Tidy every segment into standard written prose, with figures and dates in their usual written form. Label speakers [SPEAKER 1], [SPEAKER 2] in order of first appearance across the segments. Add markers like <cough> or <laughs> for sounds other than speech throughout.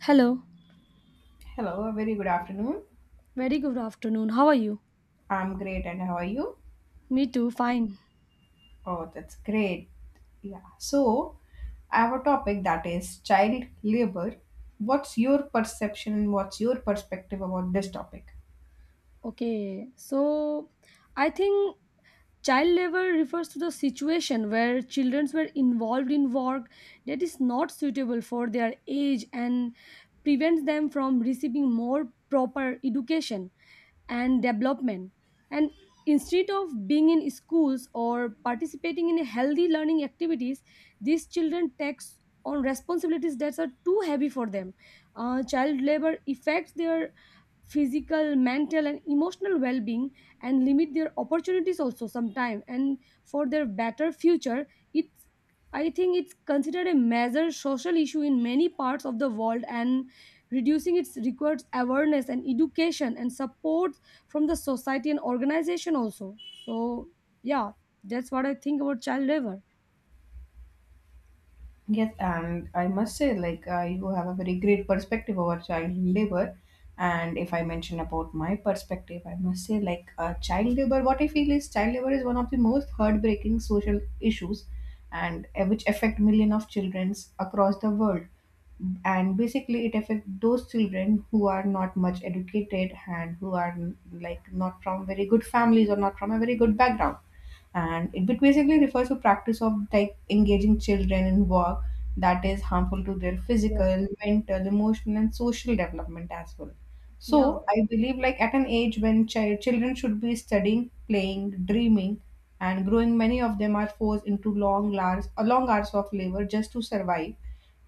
[SPEAKER 1] Hello,
[SPEAKER 2] Hello, a very good afternoon.
[SPEAKER 1] very good afternoon. How are you?
[SPEAKER 2] I'm great, and how are you?
[SPEAKER 1] Me too, fine.
[SPEAKER 2] Oh, that's great. Yeah. So, I have a topic that is child labor. What's your perception and what's your perspective about this topic?
[SPEAKER 1] Okay. I think child labor refers to the situation where children were involved in work that is not suitable for their age and prevents them from receiving more proper education and development. And instead of being in schools or participating in healthy learning activities, these children takes on responsibilities that are too heavy for them. Child labor affects their physical, mental and emotional well-being, and limit their opportunities also sometime, and for their better future it's I think it's considered a major social issue in many parts of the world, and reducing it requires awareness and education and support from the society and organization also. So yeah, that's what I think about child labor.
[SPEAKER 2] Yes, and I must say, like, you have a very great perspective over child labor. And if I mention about my perspective, I must say, like, child labor, what I feel is child labor is one of the most heartbreaking social issues and which affect millions of children across the world. And basically, it affects those children who are not much educated and who are, like, not from very good families or not from a very good background, and it basically refers to practice of, like, engaging children in work that is harmful to their
[SPEAKER 1] Yes.
[SPEAKER 2] physical, mental, emotional and social development as well. So
[SPEAKER 1] Yeah,
[SPEAKER 2] I believe, like, at an age when children should be studying, playing, dreaming and growing, many of them are forced into long hours of labor just to survive.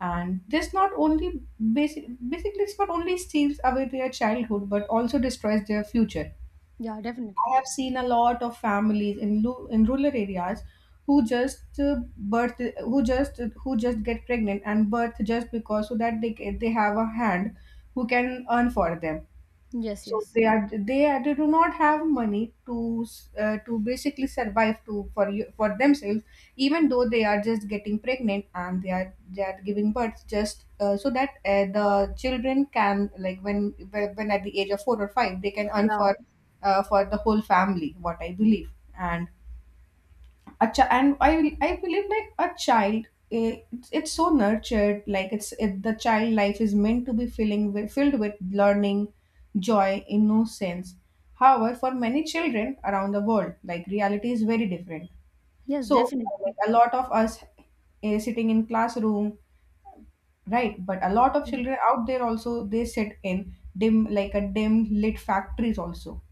[SPEAKER 2] And this not only, basically, it's not only steals away their childhood but also destroys their future.
[SPEAKER 1] yeah. Definitely.
[SPEAKER 2] I have seen a lot of families in rural areas, who just birth, who just get pregnant and birth, just because so that they have a hand who can earn for them.
[SPEAKER 1] Yes,
[SPEAKER 2] So
[SPEAKER 1] yes.
[SPEAKER 2] they do not have money to basically survive, to for you for themselves. Even though they are just getting pregnant and they are giving birth just so that the children can, like, when at the age of 4 or 5, they can earn
[SPEAKER 1] Yeah.
[SPEAKER 2] for the whole family, what I believe. And a child and I believe, like, a child, eh, it's so nurtured. Like, the child life is meant to be filled with learning, joy, innocence. However, for many children around the world, like, reality is very different.
[SPEAKER 1] Yes,
[SPEAKER 2] So,
[SPEAKER 1] definitely.
[SPEAKER 2] like, a lot of us, sitting in classroom. Right, but a lot of children out there also, they sit in dim, like, a dim lit factories also.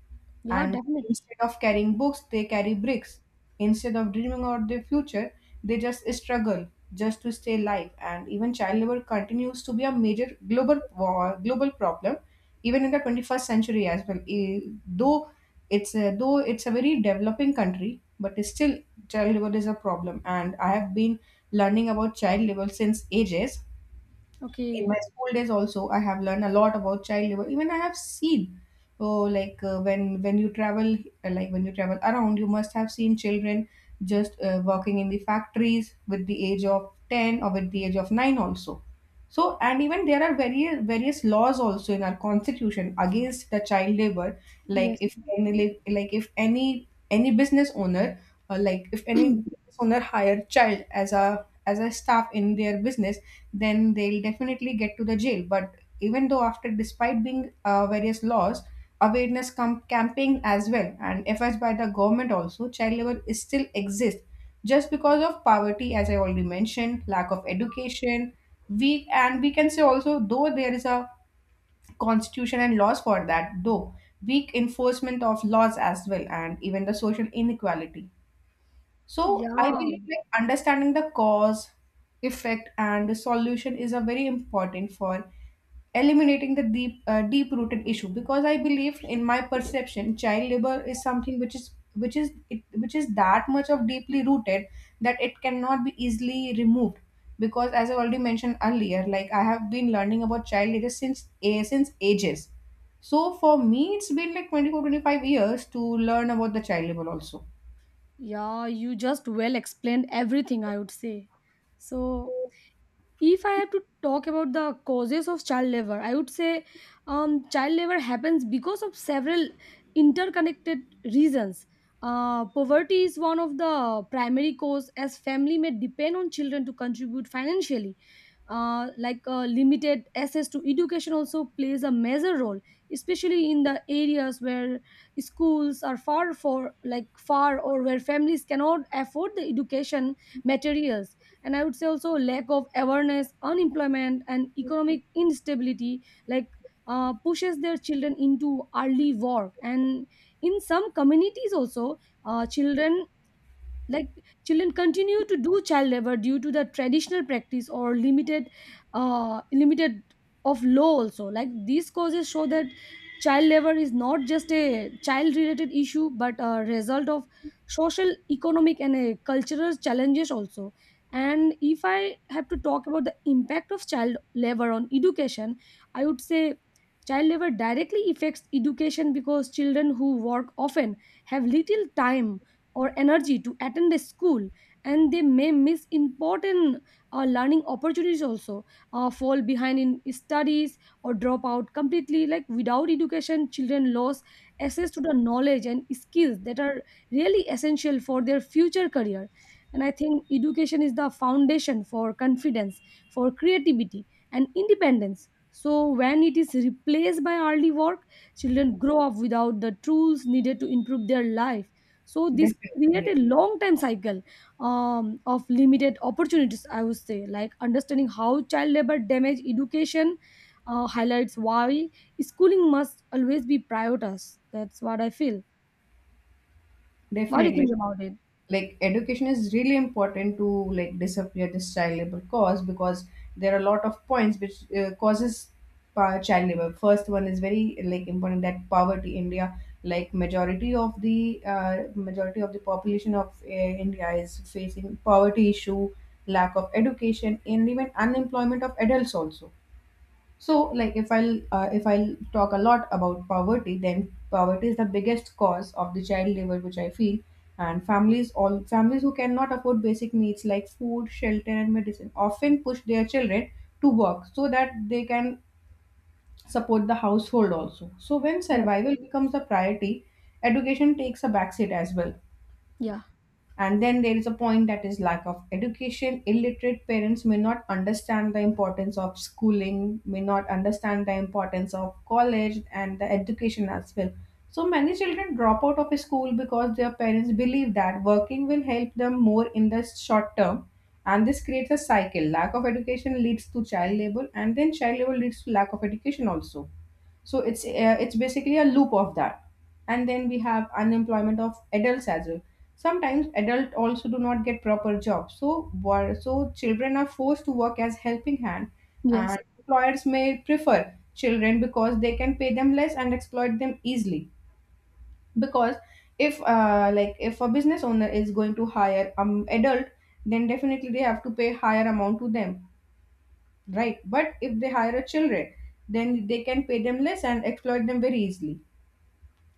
[SPEAKER 1] Yeah,
[SPEAKER 2] And
[SPEAKER 1] definitely.
[SPEAKER 2] instead of carrying books, they carry bricks. Instead of dreaming about their future, they just struggle just to stay alive. And even child labor continues to be a major global war, global problem, even in the 21st century as well. Though though it's a very developing country, but still child labor is a problem. And I have been learning about child labor since ages. In my
[SPEAKER 1] Okay.
[SPEAKER 2] school days also, I have learned a lot about child labor. Even I have seen, oh, like, when you travel, like, when you travel around, you must have seen children just working in the factories with the age of 10 or with the age of 9 also. So, and even there are various laws also in our constitution against the child labor. Like,
[SPEAKER 1] Yes.
[SPEAKER 2] if any any business owner like if any business owner hire child as a staff in their business, then they'll definitely get to the jail. But even though after, despite being various laws, awareness camping as well and efforts by the government also, child labor is still exists just because of poverty, as I already mentioned, lack of education. Weak, and we can say also, though there is a constitution and laws for that, though weak enforcement of laws as well, and even the social inequality. So I
[SPEAKER 1] Yeah,
[SPEAKER 2] believe, like, understanding the cause, effect, and the solution is a very important for eliminating the deep rooted issue, because I believe in my perception child labor is something which is that much of deeply rooted that it cannot be easily removed. Because, as I already mentioned earlier, like, I have been learning about child labor since ages. So for me it's been like 24, 25 years to learn about the child labor also.
[SPEAKER 1] yeah, you just well explained everything, I would say. So, if I have to talk about the causes of child labor, I would say child labor happens because of several interconnected reasons. Poverty is one of the primary cause, as family may depend on children to contribute financially. Limited access to education also plays a major role, especially in the areas where schools are far, for far, or where families cannot afford the education materials. And I would say also lack of awareness, unemployment and economic instability, like pushes their children into early work. And in some communities also, children, like children continue to do child labor due to the traditional practice or limited of law also. Like, these causes show that child labor is not just a child related issue, but a result of social, economic and a cultural challenges also. And if I have to talk about the impact of child labor on education, I would say child labor directly affects education because children who work often have little time or energy to attend a school, and they may miss important learning opportunities also, fall behind in studies or drop out completely. Like, without education, children lose access to the knowledge and skills that are really essential for their future career. And I think education is the foundation for confidence, for creativity and independence. So when it is replaced by early work, children grow up without the tools needed to improve their life. So this
[SPEAKER 2] Definitely,
[SPEAKER 1] create a
[SPEAKER 2] yes.
[SPEAKER 1] long time cycle of limited opportunities. I would say, like, understanding how child labor damage education highlights why schooling must always be prioritized. That's what I feel. What do you
[SPEAKER 2] Definitely.
[SPEAKER 1] think about it?
[SPEAKER 2] Like, education is really important to, like, disappear this child labor cause, because there are a lot of points which causes child labor. First one is very, like, important, that poverty. India, like, majority of the population of India is facing poverty issue, lack of education, and even unemployment of adults also. So, like, if I'll talk a lot about poverty, then poverty is the biggest cause of the child labor, which I feel. And families, all families who cannot afford basic needs like food, shelter, and medicine, often push their children to work so that they can support the household also. So, when
[SPEAKER 1] Yes.
[SPEAKER 2] survival becomes a priority, education takes a backseat as well.
[SPEAKER 1] Yeah.
[SPEAKER 2] And then there is a point that is lack of education. Illiterate parents may not understand the importance of schooling, may not understand the importance of college and the education as well. So many children drop out of school because their parents believe that working will help them more in the short term. And this creates a cycle. Lack of education leads to child labor, and then child labor leads to lack of education also, so it's basically a loop of that. And then we have unemployment of adults as well. Sometimes adults also do not get proper jobs, so children are forced to work as helping hand.
[SPEAKER 1] Yes.
[SPEAKER 2] And employers may prefer children because they can pay them less and exploit them easily, because if like, if a business owner is going to hire adult, then definitely they have to pay higher amount to them, right, but if they hire a children, then they can pay them less and exploit them very easily.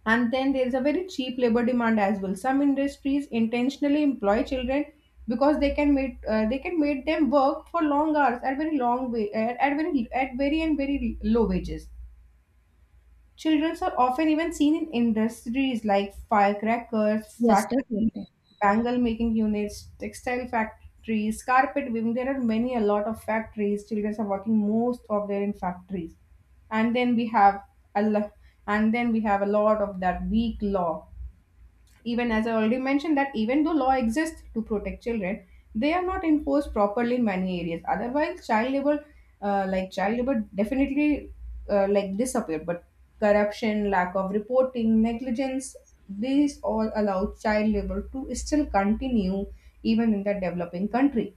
[SPEAKER 2] And then there is a very cheap labor demand as well. Some industries intentionally employ children because they can make them work for long hours at very long way, at very and very low wages. Children are often even seen in industries like firecrackers,
[SPEAKER 1] Yes.
[SPEAKER 2] factories,
[SPEAKER 1] Definitely.
[SPEAKER 2] bangle making units, textile factories, carpet weaving. There are many a lot of factories. Children are working most of their in factories. And then we have a lo- a lot of that weak law. Even as I already mentioned, that even though law exists to protect children, they are not enforced properly in many areas. Otherwise, child labor, like, child labor, definitely like, disappeared. But corruption, lack of reporting, negligence, these all allow child labor to still continue even in the developing country.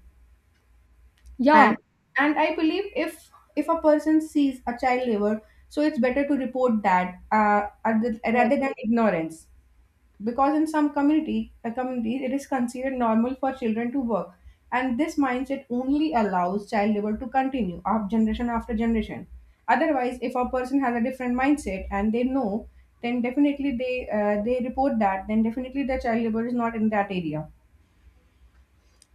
[SPEAKER 1] Yeah.
[SPEAKER 2] And and I believe, if a person sees a child labor, so it's better to report that rather than ignorance, because in some community communities it is considered normal for children to work, and this mindset only allows child labor to continue of generation after generation. Otherwise, if a person has a different mindset and they know, then definitely they report that, then definitely the child labor is not in that area.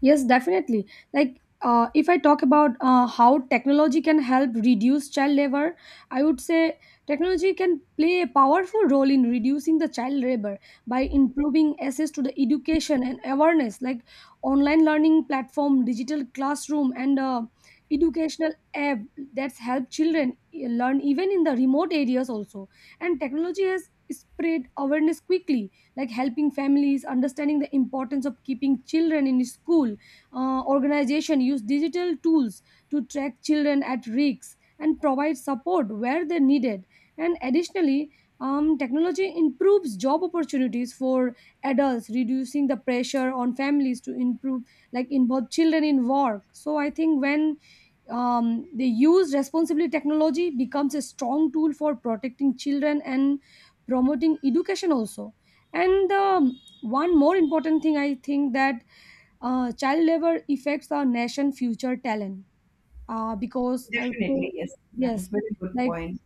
[SPEAKER 1] Yes, definitely. Like, if I talk about how technology can help reduce child labor, I would say technology can play a powerful role in reducing the child labor by improving access to the education and awareness, like online learning platform, digital classroom, and educational app that's help children, learn even in the remote areas also. And technology has spread awareness quickly, like helping families understanding the importance of keeping children in school. Organization use digital tools to track children at risks and provide support where they're needed. And additionally, technology improves job opportunities for adults, reducing the pressure on families to improve, like, involve children in work. So I think when they use responsibly, technology becomes a strong tool for protecting children and promoting education also. And one more important thing I think, that child labor affects our nation future talent, because I would
[SPEAKER 2] Definitely,
[SPEAKER 1] say
[SPEAKER 2] yes. That is
[SPEAKER 1] yes,
[SPEAKER 2] very good
[SPEAKER 1] like
[SPEAKER 2] point.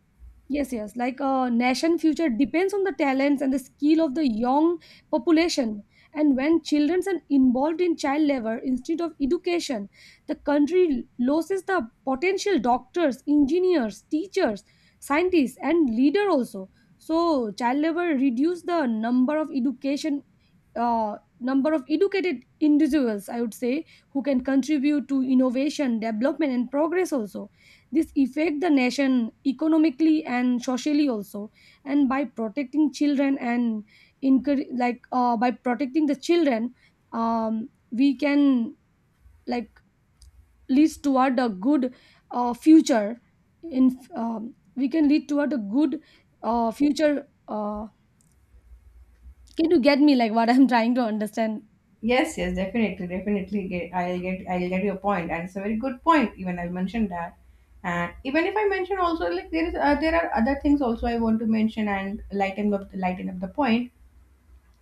[SPEAKER 1] yes, yes. Like, a nation future depends on the talents and the skill of the young population. And when children are involved in child labor instead of education, the country loses the potential doctors, engineers, teachers, scientists, and leader also. So child labor reduce the number of education, number of educated individuals, I would say, who can contribute to innovation, development, and progress also. This affect the nation economically and socially also. And by protecting children and encourage, by protecting the children, we can, like, lead toward a good future in we can lead toward a good future. Can you get me, like, what I'm <laughs> trying to understand?
[SPEAKER 2] Yes, yes, definitely, definitely. I'll get your point, and it's a very good point. Even I mentioned that, and even if I mention also, like, there are other things also I want to mention and lighten up the point.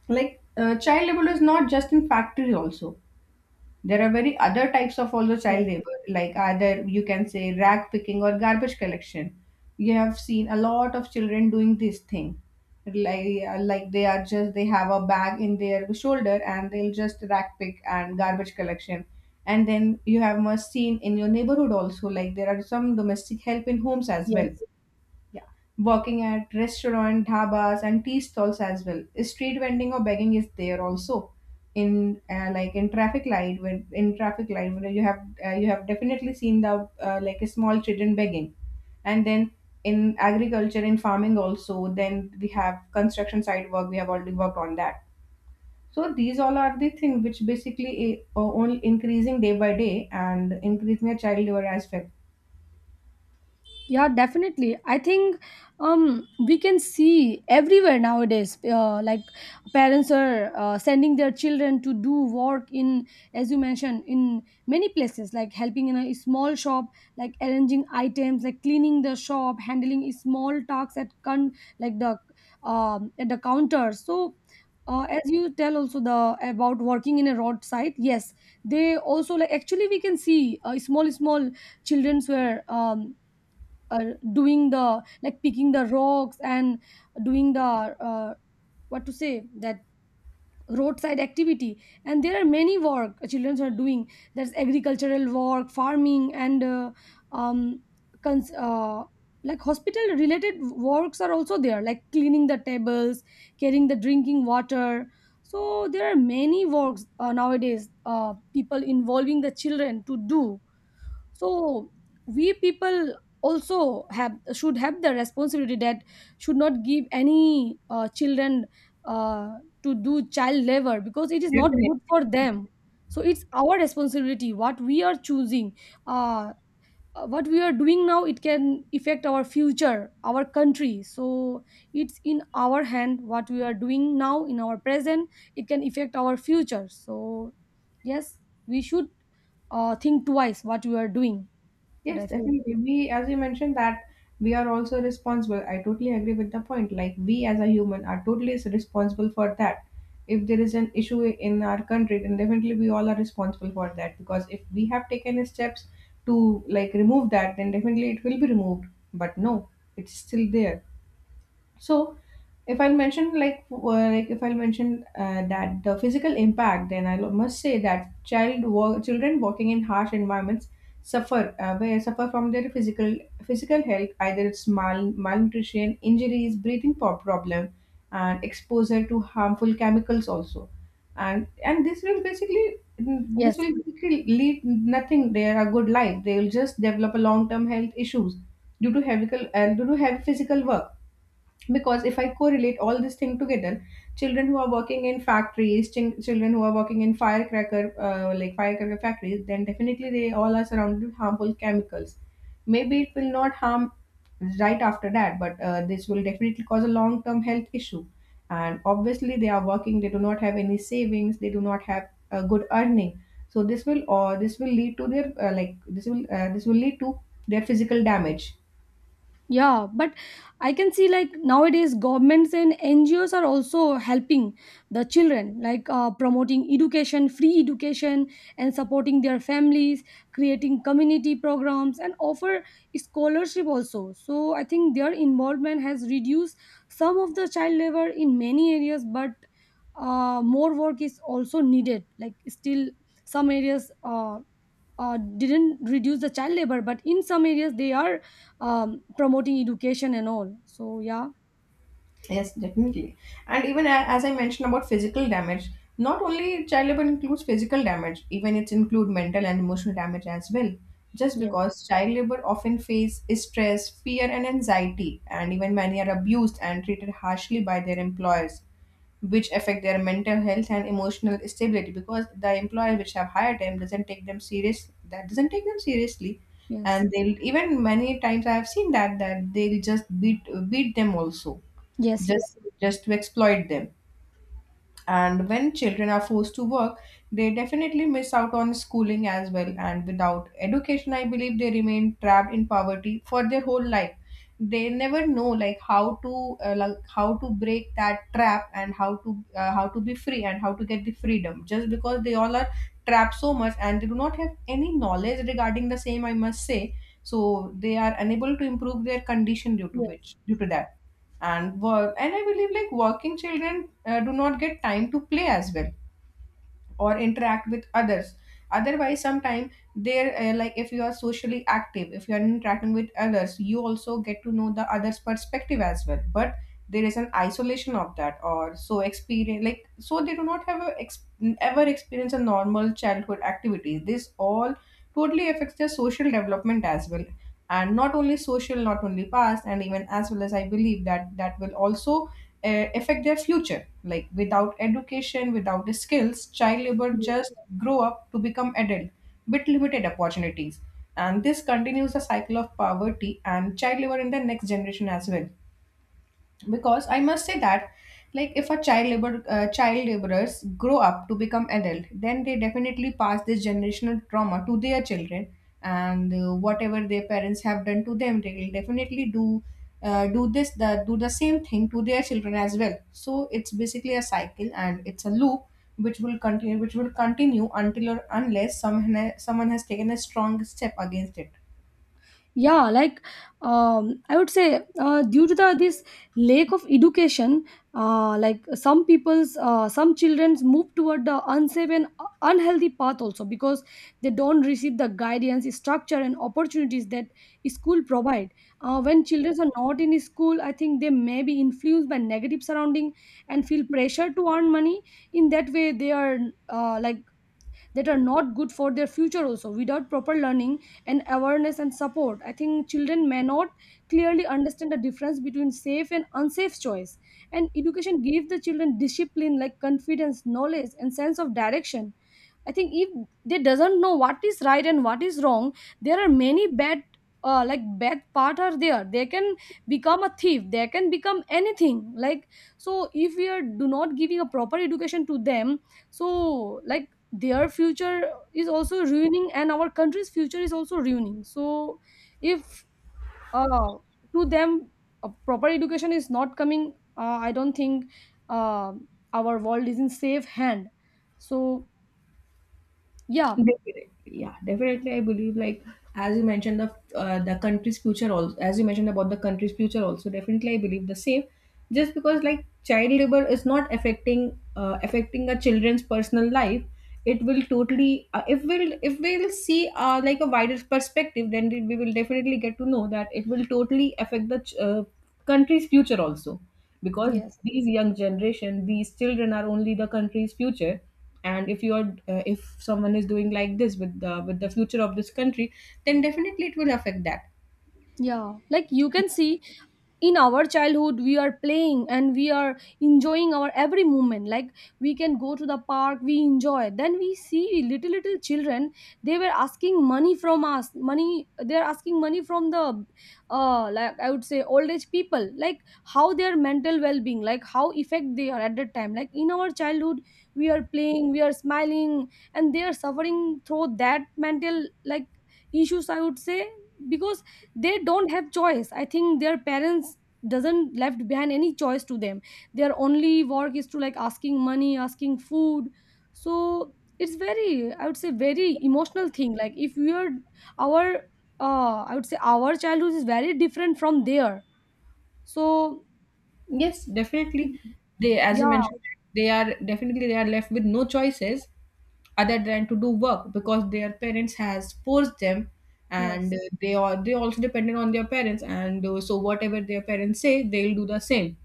[SPEAKER 2] Like, child labor is not just in factory also. There are very other types of also
[SPEAKER 1] Yes,
[SPEAKER 2] child labor, like, either you can say rag picking or garbage collection. You have seen a lot of children doing this thing, like they are just they have a bag in their shoulder and they'll just rag pick and garbage collection. And then you have must seen in your neighborhood also, like, there are some domestic help in homes as well.
[SPEAKER 1] yes.
[SPEAKER 2] Yeah. Working at restaurant, dhabas, and tea stalls as well. Street vending or begging is there also. In in traffic light, when you have definitely seen the, like, a small children begging, and then in agriculture, in farming also. Then we have construction site work. We have already worked on that. So these all are the thing which basically only increasing day by day and increasing the child labor as well.
[SPEAKER 1] Yeah, definitely. I think we can see everywhere nowadays, like, parents are sending their children to do work in, as you mentioned, in many places, like helping in a small shop, like arranging items, like cleaning the shop, handling small tasks at con, like the at the counter. So. As you tell also the about working in a roadside, yes, they also, like, actually we can see small childrens were uh, doing the, like, picking the rocks and doing the uh, what to say, that roadside activity. And there are many work children are doing. There's agricultural work, farming and um cons- uh, like, hospital related works are also there, like cleaning the tables, carrying the drinking water. So there are many works nowadays, people involving the children to do. So we people also have should have the responsibility that should not give any children uh, to do child labor, because it is not
[SPEAKER 2] Definitely.
[SPEAKER 1] good for them. So it's our responsibility what we are choosing, uh, what we are doing now, it can affect our future, our country. So it's in our hand what we are doing now, in our present, it can affect our future. So yes, we should think twice what we are doing. That
[SPEAKER 2] Yes,
[SPEAKER 1] I feel.
[SPEAKER 2] definitely. We, as you mentioned, that we are also responsible. I totally agree with the point. Like, we as a human are totally responsible for that. If there is an issue in our country, then definitely we all are responsible for that. Because if we have taken steps to, like, remove that, then definitely it will be removed. But no, it's still there. So, if I'll mention like if I'll mention that the physical impact, then I must say that children working in harsh environments suffer where suffer from their physical health. Either it's malnutrition, injuries, breathing problem, and exposure to harmful chemicals also, and this
[SPEAKER 1] Yes.
[SPEAKER 2] will basically lead nothing. They are a good life. They will just develop a long term health issues due to heavy physical work, because if I correlate all this thing together, children who are working in factories, children who are working in firecracker firecracker factories, then definitely they all are surrounded with harmful chemicals. Maybe it will not harm right after that, but this will definitely cause a long term health issue. And obviously they are working, they do not have any savings, they do not have a good earning, so this will lead to their this will lead to their physical damage.
[SPEAKER 1] Yeah, but I can see, like, nowadays governments and NGOs are also helping the children, like, promoting education, free education, and supporting their families, creating community programs, and offer scholarship also. So I think their involvement has reduced some of the child labor in many areas, but more work is also needed. Like, still, some areas didn't reduce the child labor, but in some areas they are promoting education and all. So yeah.
[SPEAKER 2] Yes, definitely. And even as I mentioned about physical damage, not only child labor includes physical damage, even it include mental and emotional damage as well. Just
[SPEAKER 1] Yes.
[SPEAKER 2] because child labor often face stress, fear, and anxiety, and even many are abused and treated harshly by their employers, which affect their mental health and emotional stability. Because the employer which have hired them doesn't take them serious, that doesn't take them seriously,
[SPEAKER 1] Yes.
[SPEAKER 2] and they'll, even many times I have seen that that they'll just beat them also,
[SPEAKER 1] Yes.
[SPEAKER 2] just
[SPEAKER 1] Yes.
[SPEAKER 2] just to exploit them. And when children are forced to work, they definitely miss out on schooling as well, and without education I believe they remain trapped in poverty for their whole life. They never know like how to how to break that trap, and how to be free, and how to get the freedom, just because they all are trapped so much and they do not have any knowledge regarding the same, I must say. So they are unable to improve their condition
[SPEAKER 1] yes
[SPEAKER 2] due to that and work. And I believe like working children do not get time to play as well, or interact with others. Otherwise sometime they're like if you are socially active, if you are interacting with others, you also get to know the others perspective as well. But there is an isolation of that or so experience, like, so they do not have ever experience a normal childhood activity. This all totally affects their social development as well. And not only social, not only past, and even as well, as I believe that that will also affect their future. Like without education, without the skills, child labor just grow up to become adult with limited opportunities. And this continues the cycle of poverty and child labor in the next generation as well, because I must say that, like, if a child laborers grow up to become adult, then they definitely pass this generational trauma to their children. And whatever their parents have done to them, they will definitely do do the same thing to their children as well. So it's basically a cycle, and it's a loop, which will continue until or unless someone has taken a strong step against it.
[SPEAKER 1] yeah, like, I would say, due to the this lack of education, some people's, some children's move toward the unsafe and unhealthy path also, because they don't receive the guidance, structure and opportunities that school provide. When children are not in school, I think they may be influenced by negative surrounding and feel pressure to earn money in that way, they are, uh, like that are not good for their future also. Without proper learning and awareness and support, I think children may not clearly understand the difference between safe and unsafe choice. And education gives the children discipline, like, confidence, knowledge and sense of direction. I think if they doesn't know what is right and what is wrong, there are many bad, bad part are there, they can become a thief, they can become anything, like. So if we are do not giving a proper education to them, so, like, their future is also ruining and our country's future is also ruining. So if uh, to them a proper education is not coming, I don't think uh, our world is in safe hand. So yeah.
[SPEAKER 2] Definitely. Yeah, definitely. I believe, like, as you mentioned, the country's future also, as you mentioned about the country's future also, definitely I believe the same. Just because like child labor is not affecting a children's personal life, it will totally if we'll see like a wider perspective, then we will definitely get to know that it will totally affect country's future also, because
[SPEAKER 1] Yes.
[SPEAKER 2] these young generation, these children are only the country's future. And if you're if someone is doing like this with the future of this country, then definitely it will affect that.
[SPEAKER 1] Yeah, like you can see, in our childhood we are playing and we are enjoying our every moment. Like, we can go to the park, we enjoy, then we see little little children, they were asking money from us, money, they are asking money from the like, I would say, old age people. Like, how their mental well-being, like, how effect they are at that time. Like, in our childhood we are playing, we are smiling, and they are suffering through that mental, like, issues, I would say, because they don't have choice. I think their parents doesn't left behind any choice to them. Their only work is to, like, asking money, asking food. So it's very, I would say, very emotional thing. Like, if we are our, I would say, our childhood is very different from their. So
[SPEAKER 2] Yes, definitely. They, as you
[SPEAKER 1] yeah.
[SPEAKER 2] mentioned, they are left with no choices other than to do work, because their parents has forced them. And
[SPEAKER 1] Yes.
[SPEAKER 2] they also dependent on their parents, and so whatever their parents say, they'll do the same.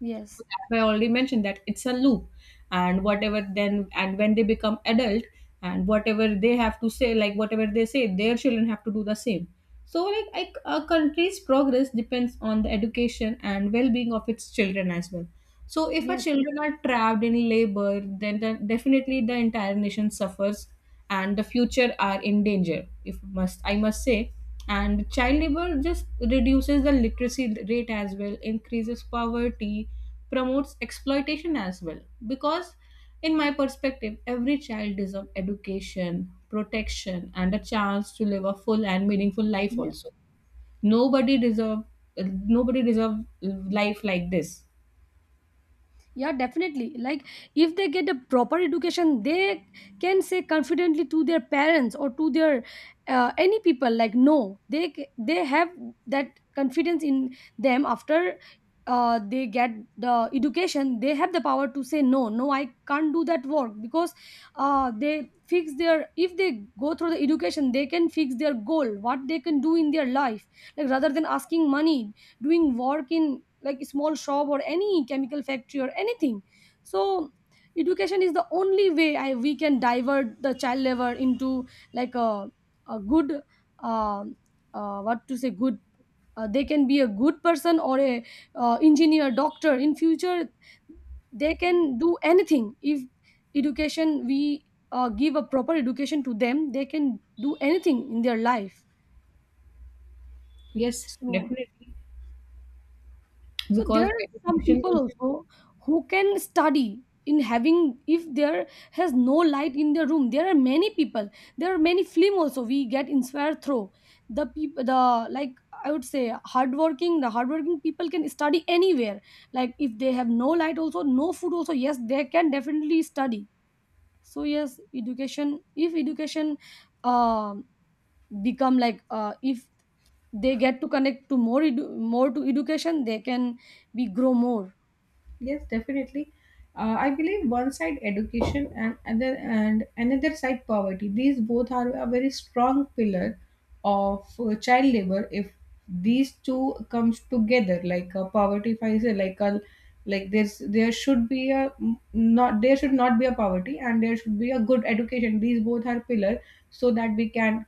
[SPEAKER 1] Yes.
[SPEAKER 2] I already mentioned that it's a loop, and when they become adult, and whatever they have to say, like whatever they say, their children have to do the same. So, like, I, a country's progress depends on the education and well-being of its children as well. So, if our
[SPEAKER 1] Yes.
[SPEAKER 2] children are trapped in labor, then definitely the entire nation suffers, and the future are in danger. If must, I must say, and child labor just reduces the literacy rate as well, increases poverty, promotes exploitation as well, because in my perspective every child deserves education, protection, and a chance to live a full and meaningful life
[SPEAKER 1] Yes.
[SPEAKER 2] also. nobody deserve Nobody deserve life like this.
[SPEAKER 1] Yeah, definitely. Like, if they get a proper education, they can say confidently to their parents or to their any people, like, no, they they have that confidence in them. After they get the education, they have the power to say no, no, I can't do that work. Because they fix their, if they go through the education, they can fix their goal, what they can do in their life, like, rather than asking money, doing work in like small shop or any chemical factory or anything. So education is the only way, I, we can divert the child labor into, like, a good uh, what to say, good, they can be a good person or a engineer, doctor in future. They can do anything if education we give a proper education to them, they can do anything in their life.
[SPEAKER 2] Yes,
[SPEAKER 1] So
[SPEAKER 2] definitely.
[SPEAKER 1] so there
[SPEAKER 2] Because
[SPEAKER 1] are some
[SPEAKER 2] education
[SPEAKER 1] people
[SPEAKER 2] is...
[SPEAKER 1] also who can study in having if there has no light in their room. There are many people. There are many film also we get inspired through the people. The, like, I would say hardworking. The hardworking people can study anywhere. Like if they have no light also, no food also. Yes, they can definitely study. So yes, education. If education um become like, if they get to connect to more more to education, they can be grow more.
[SPEAKER 2] Yes, definitely. I believe one side education and other and another side poverty. These both are a very strong pillar of child labor. If these two comes together, like a poverty, if I say like a, like there should be a, not there should not be a poverty, and there should be a good education. These both are pillar so that we can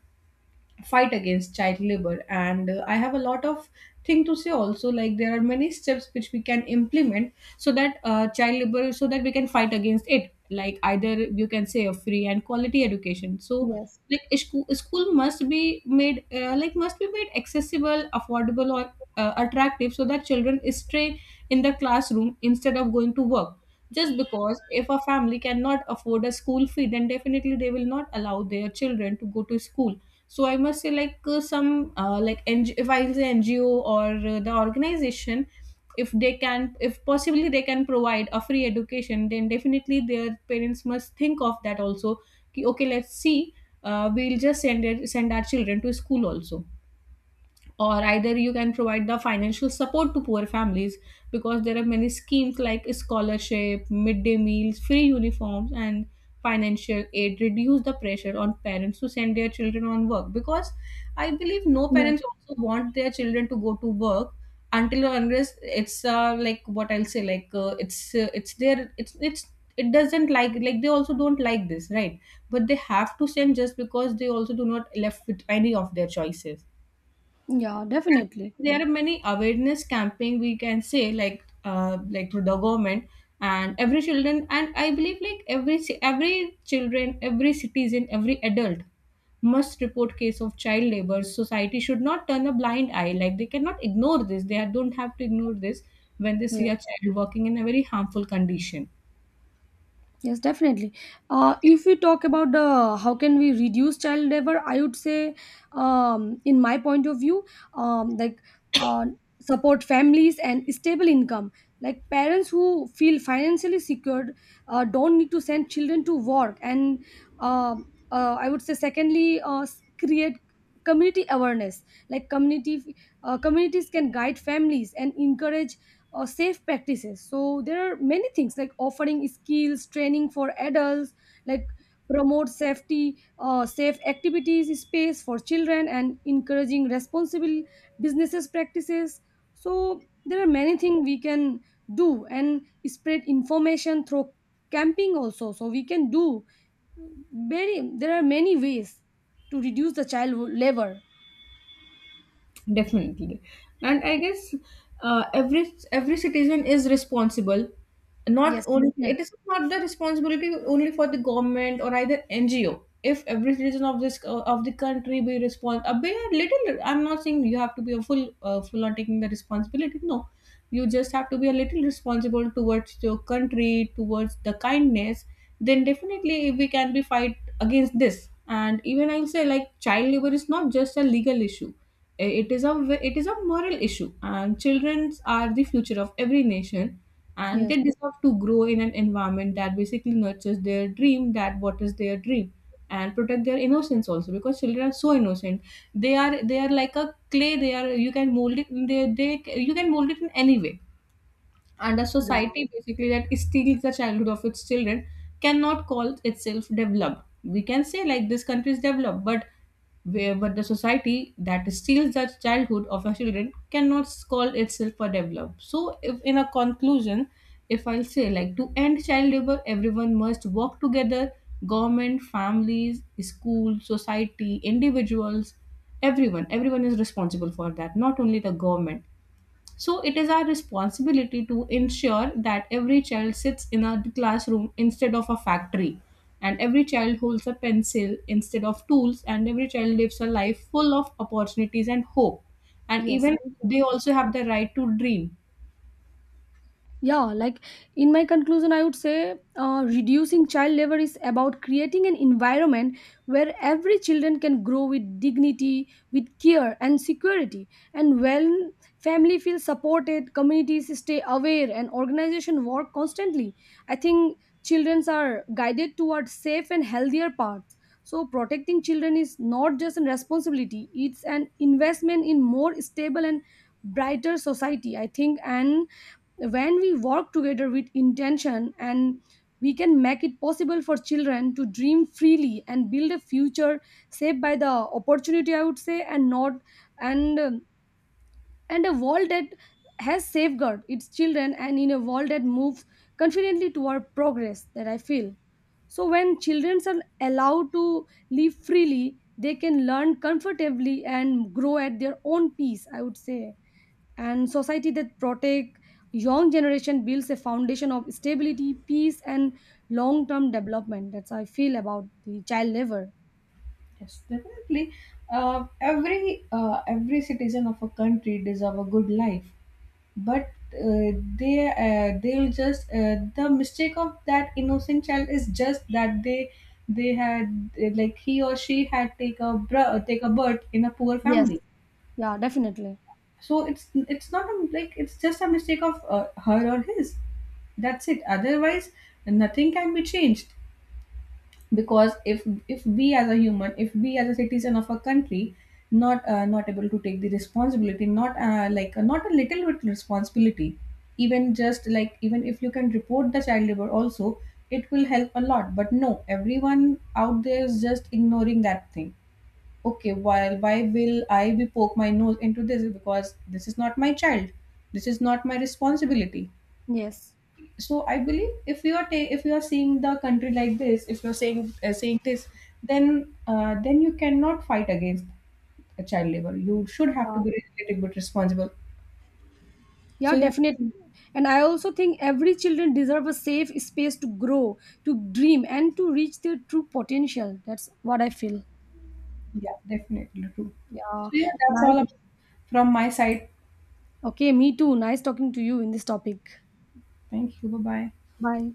[SPEAKER 2] fight against child labor. And I have a lot of thing to say also, like there are many steps which we can implement so that we can fight against it. Like either you can say a free and quality education. So
[SPEAKER 1] Yes.
[SPEAKER 2] like school must be made must be made accessible, affordable, or attractive, so that children stay in the classroom instead of going to work. Just because if a family cannot afford a school fee, then definitely they will not allow their children to go to school. So I must say like some like NG- if I say NGO or the organization, if they can, if possibly they can provide a free education, then definitely their parents must think of that also. Ki, okay, let's see, we'll just send it, send our children to school also. Or either you can provide the financial support to poor families, because there are many schemes like scholarship, midday meals, free uniforms, and financial aid reduce the pressure on parents to send their children on work, because I believe no
[SPEAKER 1] Yes.
[SPEAKER 2] parents also want their children to go to work, until or unless it's like what I'll say like it's their it's, it doesn't like they also don't like this, right? But they have to send, just because they also do not left with any of their choices.
[SPEAKER 1] Yeah, definitely.
[SPEAKER 2] There are many awareness camping we can say, like through the government. And every children, and I believe like every children, every citizen, every adult must report case of child labor. Society should not turn a blind eye, like they cannot ignore this, they don't have to ignore this, when they see a child working in a very harmful condition.
[SPEAKER 1] Yes, definitely. If we talk about the how can we reduce child labor, I would say, in my point of view, um, like uh, support families and stable income. Like, parents who feel financially secured don't need to send children to work. And uh, I would say, secondly, create community awareness. Like, community communities can guide families and encourage or safe practices. So there are many things, like offering skills training for adults, like promote safety, safe activities space for children, and encouraging responsible businesses practices. So there are many things we can do, and spread information through camping also. So we can do, very, there are many ways to reduce the child labor.
[SPEAKER 2] Definitely. And I guess every citizen is responsible. Not
[SPEAKER 1] Yes,
[SPEAKER 2] only,
[SPEAKER 1] definitely.
[SPEAKER 2] it is not the responsibility only for the government or either NGO. If every citizen of this of the country be respond, be a little. I'm not saying you have to be a full full on taking the responsibility. No, you just have to be a little responsible towards your country, towards the kindness. Then definitely we can be fight against this. And even I'll say like child labor is not just a legal issue. Eh, it is it is a moral issue, and children are the future of every nation, and
[SPEAKER 1] Yes.
[SPEAKER 2] they deserve to grow in an environment that basically nurtures their dream, that what is their dream, and protect their innocence also, because children are so innocent. They are, they are like a clay, they are you can mold it, they you can mold it in any way. And a
[SPEAKER 1] Yeah.
[SPEAKER 2] society basically that steals the childhood of its children cannot call itself developed. We can say like this country is developed, but where, but the society that steals the childhood of our children cannot call itself a developed. So if, in a conclusion, if I'll say like to end child labor, everyone must work together: government, families, school, society, individuals. Everyone is responsible for that, not only the government. So it is our responsibility to ensure that every child sits in a classroom instead of a factory, and every child holds a pencil instead of tools, and every child lives a life full of opportunities and hope. And
[SPEAKER 1] Yes.
[SPEAKER 2] even they also have the right to dream.
[SPEAKER 1] Yeah, like, in my conclusion, I would say, reducing child labor is about creating an environment where every children can grow with dignity, with care and security. And when family feels supported, communities stay aware, and organization work constantly. I think children are guided towards safe and healthier paths. So protecting children is not just a responsibility; it's an investment in more stable and brighter society. I think, and when we work together with intention, and we can make it possible for children to dream freely and build a future saved by the opportunity, I would say, and not, and and a world that has safeguard its children, and in a world that moves confidently toward progress, that I feel. So when children are allowed to live freely, they can learn comfortably and grow at their own pace, I would say. And society that protect young generation builds a foundation of stability, peace and long-term development. That's how I feel about the child labor.
[SPEAKER 2] Yes, definitely. Every citizen of a country deserve a good life. But they'll just the mistake of that innocent child is just that they had he or she had take a birth in a poor
[SPEAKER 1] Yes.
[SPEAKER 2] family.
[SPEAKER 1] Yeah, definitely.
[SPEAKER 2] So it's not a, like it's just a mistake of her or his, that's it. Otherwise nothing can be changed. Because if we as a human, if we as a citizen of a country, not not able to take the responsibility, not not a little bit responsibility, even just like, even if you can report the child labor also, it will help a lot. But no, everyone out there is just ignoring that thing. Okay, why will I be poke my nose into this, because this is not my child, this is not my responsibility.
[SPEAKER 1] Yes.
[SPEAKER 2] So I believe if if you are seeing the country like this, if you're saying this, then you cannot fight against a child labor. You should have to
[SPEAKER 1] Yeah.
[SPEAKER 2] be a little responsible.
[SPEAKER 1] Yeah,
[SPEAKER 2] So yeah.
[SPEAKER 1] definitely. And I also think every children deserve a safe space to grow, to dream and to reach their true potential. That's what I feel.
[SPEAKER 2] Yeah, definitely true. So
[SPEAKER 1] Yeah.
[SPEAKER 2] yeah, that's all
[SPEAKER 1] Nice.
[SPEAKER 2] about from my side.
[SPEAKER 1] Okay, me too, nice talking to you in this topic.
[SPEAKER 2] Thank you, bye bye.
[SPEAKER 1] Bye.